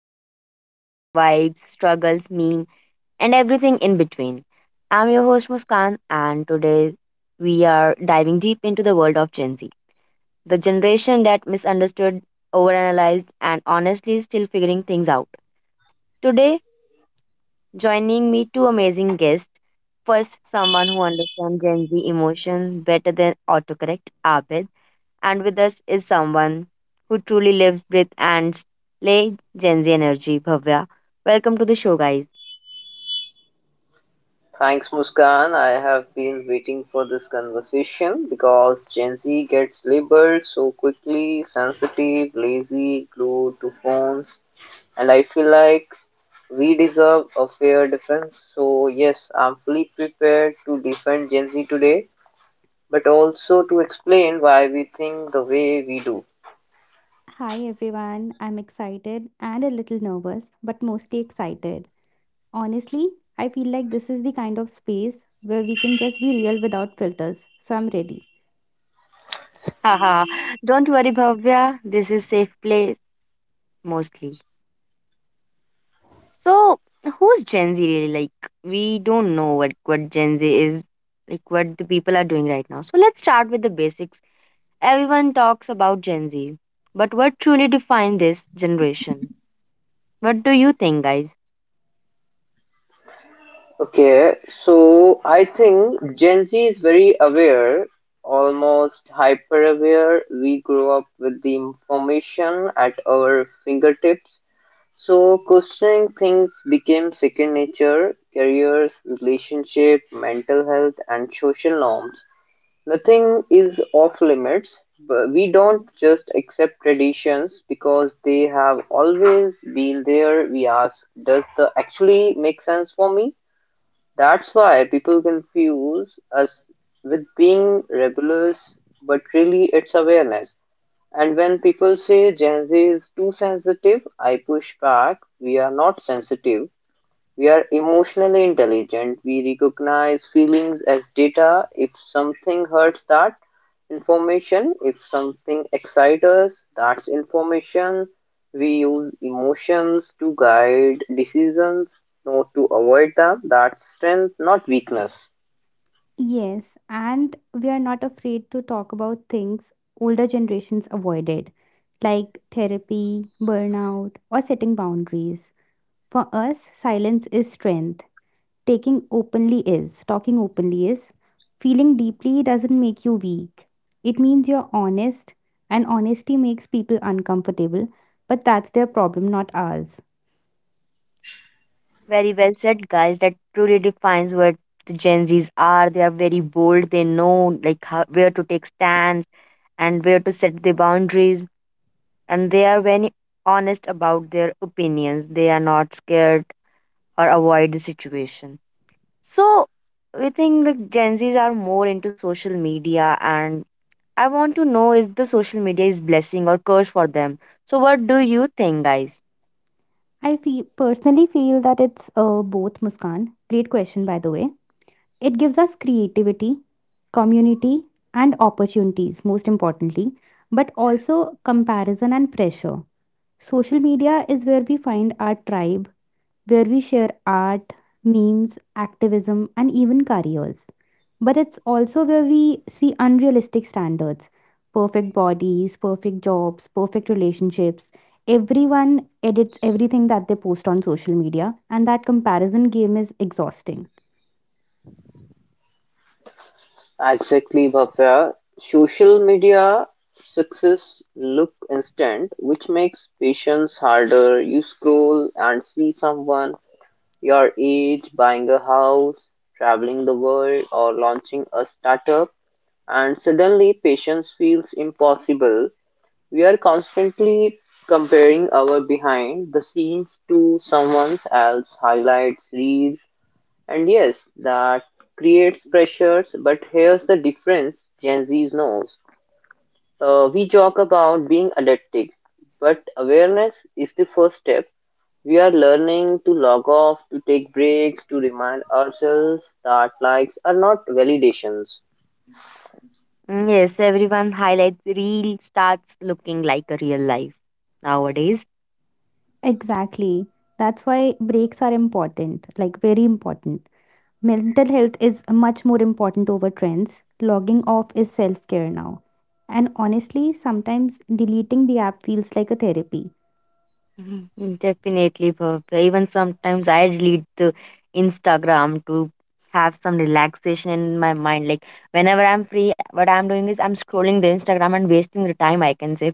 talk about life, vibes, struggles, meme, and everything in between. I'm your host Muskan, and today we are diving deep into the world of Gen Z, the generation that misunderstood, overanalyzed, and honestly is still figuring things out. Today, joining me two amazing guests. First, someone who understands Gen Z emotion better than autocorrect, Abid. And with us is someone who truly lives, breathes, and slays Gen Z energy, Bhavya. Welcome to the show, guys. Thanks, Muskan. I have been waiting for this conversation because Gen Z gets labeled so quickly sensitive, lazy, glued to phones, and I feel like we deserve a fair defense. So, yes, I'm fully prepared to defend Gen Z today, but also to explain why we think the way we do. Hi everyone, I'm excited and a little nervous, but mostly excited. Honestly, I feel like this is the kind of space where we can just be real without filters, so I'm ready. Haha. Don't worry, Bhavya. This is safe place mostly. So, who's Gen Z really? Like, we don't know what Gen Z is, like what the people are doing right now. So let's start with the basics. Everyone talks about Gen Z, but what truly defines this generation? What do you think, guys? Okay, so I think Gen Z is very aware, almost hyper aware. We grow up with the information at our fingertips. So questioning things became second nature, careers, relationship, mental health, and social norms. Nothing is off limits, but we don't just accept traditions because they have always been there. We ask, does the actually make sense for me? That's why people confuse us with being rebellious, but really it's awareness. And when people say Gen Z is too sensitive, I push back. We are not sensitive. We are emotionally intelligent. We recognize feelings as data. If something hurts, that information. If something excites us, that's information. We use emotions to guide decisions, not to avoid them. That's strength, not weakness. Yes, and we are not afraid to talk about things older generations avoided, like therapy, burnout, or setting boundaries. For us, silence is strength. Talking openly is, feeling deeply doesn't make you weak. It means you're honest, and honesty makes people uncomfortable, but that's their problem, not ours. Very well said, guys. That truly defines what the Gen Zs are. They are very bold. They know like how, where to take stands and where to set the boundaries, and they are very honest about their opinions. They are not scared or avoid the situation. So we think like Gen Zs are more into social media, and I want to know is the social media is blessing or curse for them. So what do you think, guys? I personally feel that it's both, Muskan. Great question, by the way. It gives us creativity, community, and opportunities, most importantly, but also comparison and pressure. Social media is where we find our tribe, where we share art, memes, activism, and even careers. But it's also where we see unrealistic standards, perfect bodies, perfect jobs, perfect relationships. Everyone edits everything that they post on social media, and that comparison game is exhausting. Exactly, Bhavya. Social media success look instant, which makes patience harder. You scroll and see someone. You're each buying a house, traveling the world, or launching a startup, and suddenly patience feels impossible. We are constantly comparing our behind the scenes to someone else's highlights, reels, and yes, that creates pressures. But here's the difference Gen Z knows. We joke about being addicted, but awareness is the first step. We are learning to log off, to take breaks, to remind ourselves that likes are not validations. Mm, yes, everyone highlights real starts looking like a real life nowadays. Exactly. That's why breaks are important, like very important. Mental health is much more important over trends. Logging off is self care now. And honestly, sometimes deleting the app feels like a therapy. Mhm. Mm, definitely, Bhavya. Even sometimes I delete the Instagram to have some relaxation in my mind. Like whenever I'm free, what I'm doing is I'm scrolling the Instagram and wasting the time, I can say.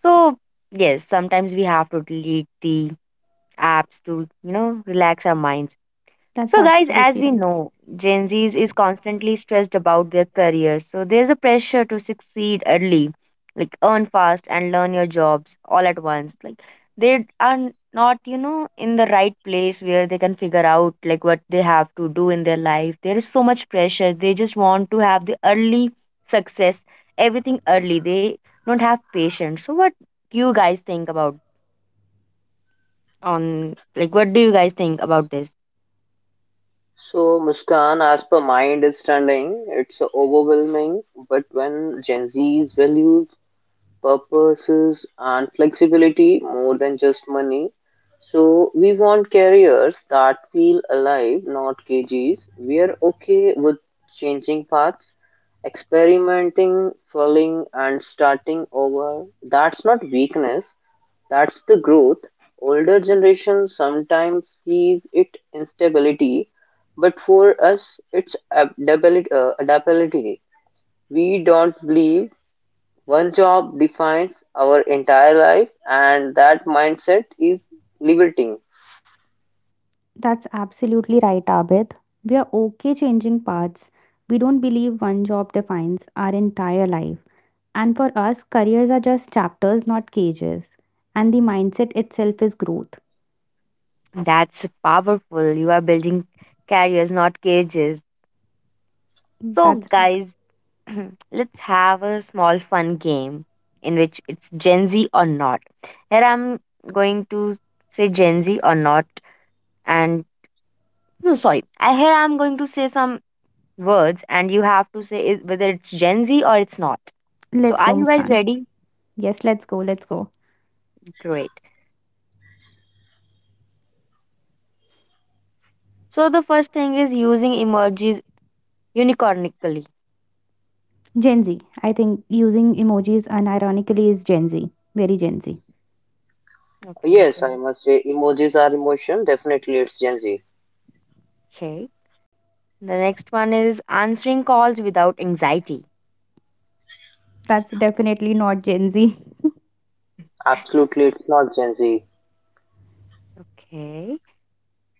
So yes, sometimes we have to delete the apps to, you know, relax our minds. That's So, guys, as absolutely we right. know, Gen Zs is constantly stressed about their careers. So, there's a pressure to succeed early, like earn fast and learn your jobs all at once. Like, they are not, you know, in the right place where they can figure out like what they have to do in their life. There is so much pressure. They just want to have the early success, everything early. They don't have patience. So, do you guys think about what do you guys think about this? So, Muskan, as per my understanding, it's overwhelming, but when Gen Z's values purposes and flexibility more than just money. So we want careers that feel alive, not cages. We are okay with changing paths, experimenting, falling, and starting over. That's not weakness, that's the growth. Older generations sometimes sees it instability, but for us, it's adaptability. We don't believe one job defines our entire life, and that mindset is liberating. That's absolutely right, Abid. We are okay changing paths. We don't believe one job defines our entire life. And for us, careers are just chapters, not cages. And the mindset itself is growth. That's powerful. You are building carriers, not cages. So, That's right. guys, let's have a small fun game in which it's Gen Z or not. Here I'm going to say Gen Z or not, and no, sorry. I here I'm going to say some words, and you have to whether it's Gen Z or it's not. So, Let's go, are you guys Muskan. ready? Yes, let's go, let's go. Great. So, the first thing is using emojis unicornically. Gen Z. I think using emojis unironically is Gen Z. Very Gen Z. Okay. Yes, So, I must say emojis are emotion. Definitely, it's Gen Z. okay. The next one is answering calls without anxiety. That's definitely not Gen Z. Absolutely, it's not Gen Z. Okay.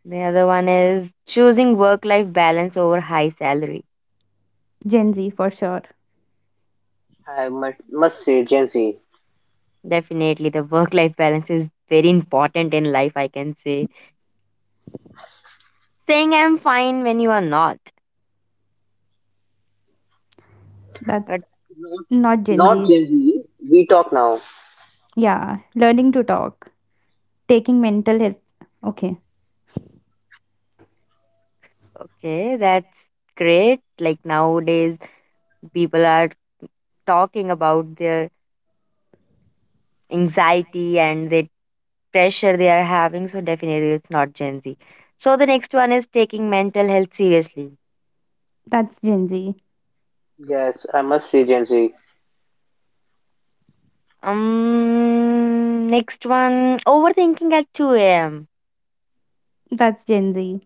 The other one is choosing work life balance over high salary. Gen Z for sure. I must say Gen Z. Definitely, the work life balance is very important in life, I can say. Saying I'm fine when you are not. But That's Not, not Gen not Z. Gen Z. We talk now. Yeah. Learning to talk. Taking mental health. Okay. okay, that's great. Like nowadays, people are talking about their anxiety and the pressure they are having. So, definitely, it's not Gen Z. So, the next one is taking mental health seriously. That's Gen Z. Yes, I must say Gen Z. Next one, overthinking at 2 a.m. That's Gen Z.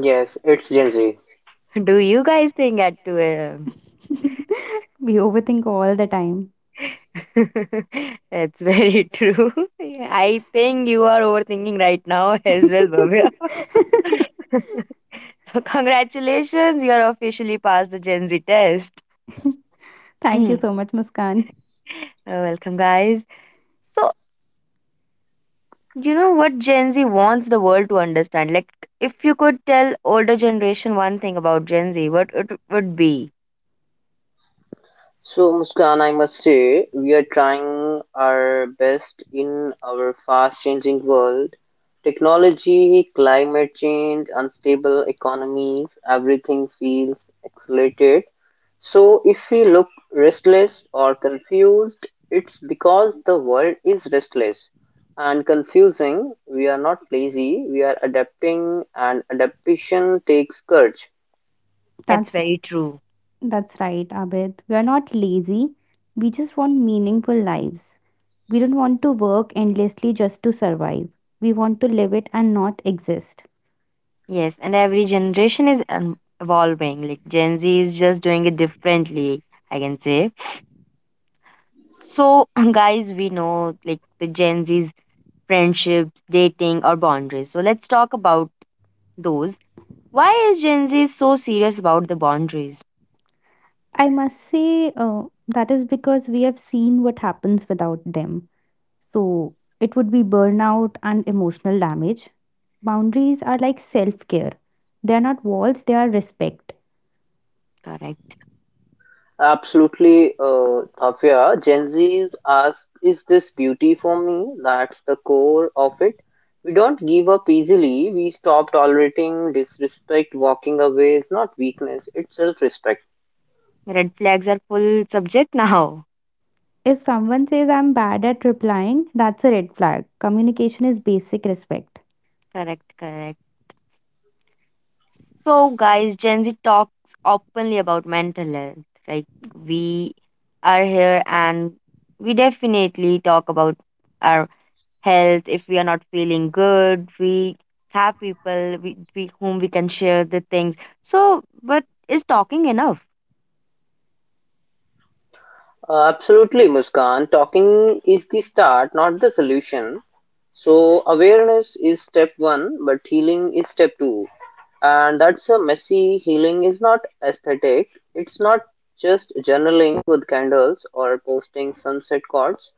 Yes, it's Gen Z. Do you guys think at 2 a.m.? We overthink all the time. That's very true. Yeah, I think you are overthinking right now as well, Bhavya. So congratulations, you are officially past the Gen Z test. Thank you so much, Muskan. Welcome, guys. So, you know what Gen Z wants the world to understand? Like, if you could tell older generation one thing about Gen Z, what it would be? So, Muskan, I must say, we are trying our best in our fast changing world. Technology, climate change, unstable economies, everything feels accelerated. So, if we look restless or confused, it's because the world is restless and confusing. We are not lazy, we are adapting, and adaptation takes courage. That's That's very true. that's right, Abid. We are not lazy. We just want meaningful lives. We don't want to work endlessly just to survive. We want to live it and not exist. Yes, and every generation is evolving. Like Gen Z is just doing it differently, I can say. So, guys, we know like the Gen Z's friendships, dating, or boundaries. So, let's talk about those. Why is Gen Z so serious about the boundaries? I must say that is because we have seen what happens without them. So it would be burnout and emotional damage. Boundaries are like self care, they are not walls, they are respect. Correct. Absolutely, Tafia. Gen Z's ask, is this beauty for me? That's the core of it. We don't give up easily. We stop tolerating disrespect. Walking away is not weakness, it's self respect. Red flags are full subject now. If someone says I'm bad at replying, that's a red flag. Communication is basic respect. Correct, correct. So, guys, Gen Z talks openly about mental health. Like, we are here and we definitely talk about our health, if we are not feeling good, we have people whom we can share the things. So, but is talking enough? Absolutely, Muskan. Talking is the start, not the solution. So, awareness is step one, but healing is step two. And that's a messy healing is not aesthetic. It's not just journaling with candles or posting sunset quotes.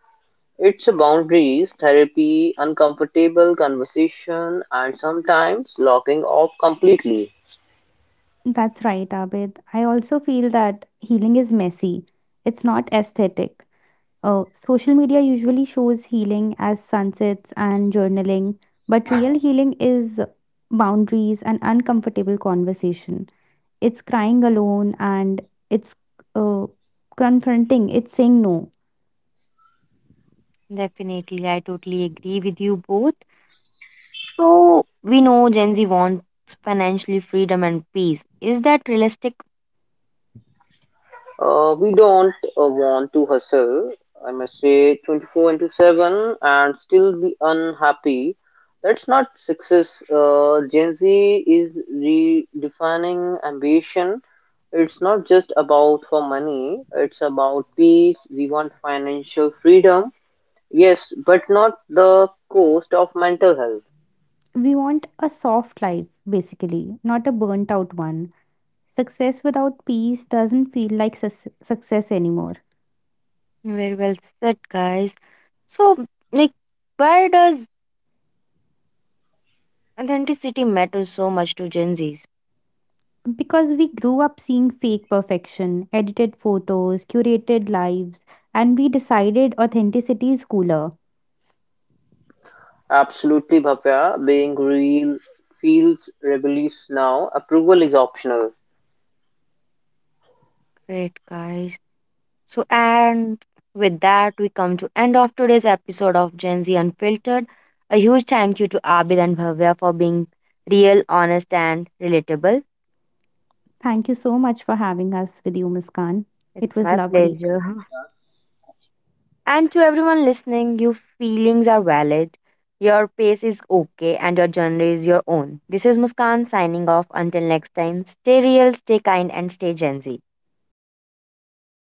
It's boundaries, therapy, uncomfortable conversation, and sometimes locking off completely. That's right, Abid. I also feel that healing is messy. It's not aesthetic. Social media usually shows healing as sunsets and journaling, but real healing is boundaries and uncomfortable conversation. It's crying alone and it's uh, confronting, it's saying no. Definitely, I totally agree with you both. So, we know Gen Z wants financially freedom and peace. Is that realistic? We don't want to hustle, I must say, 24 into 7 and still be unhappy. That's not success. Gen Z is redefining ambition. It's not just about for money, it's about peace. We want financial freedom, yes, but not the cost of mental health. We want a soft life, basically, not a burnt out one. Success without peace doesn't feel like success anymore. Very well said, guys. So, like, why does authenticity matter so much to Gen Zs? Because we grew up seeing fake perfection, edited photos, curated lives, and we decided authenticity is cooler. Absolutely, Bhavya. Being real feels rebellious now. Approval is optional. Great, guys. So, and with that, we come to end of today's episode of Gen Z Unfiltered. A huge thank you to Abid and Bhavya for being real, honest, and relatable. Thank you so much for having us with you, Muskan. It It's was my lovely. pleasure. And to everyone listening, your feelings are valid. Your pace is okay, and your journey is your own. This is Muskan signing off. Until next time, stay real, stay kind, and stay Gen Z.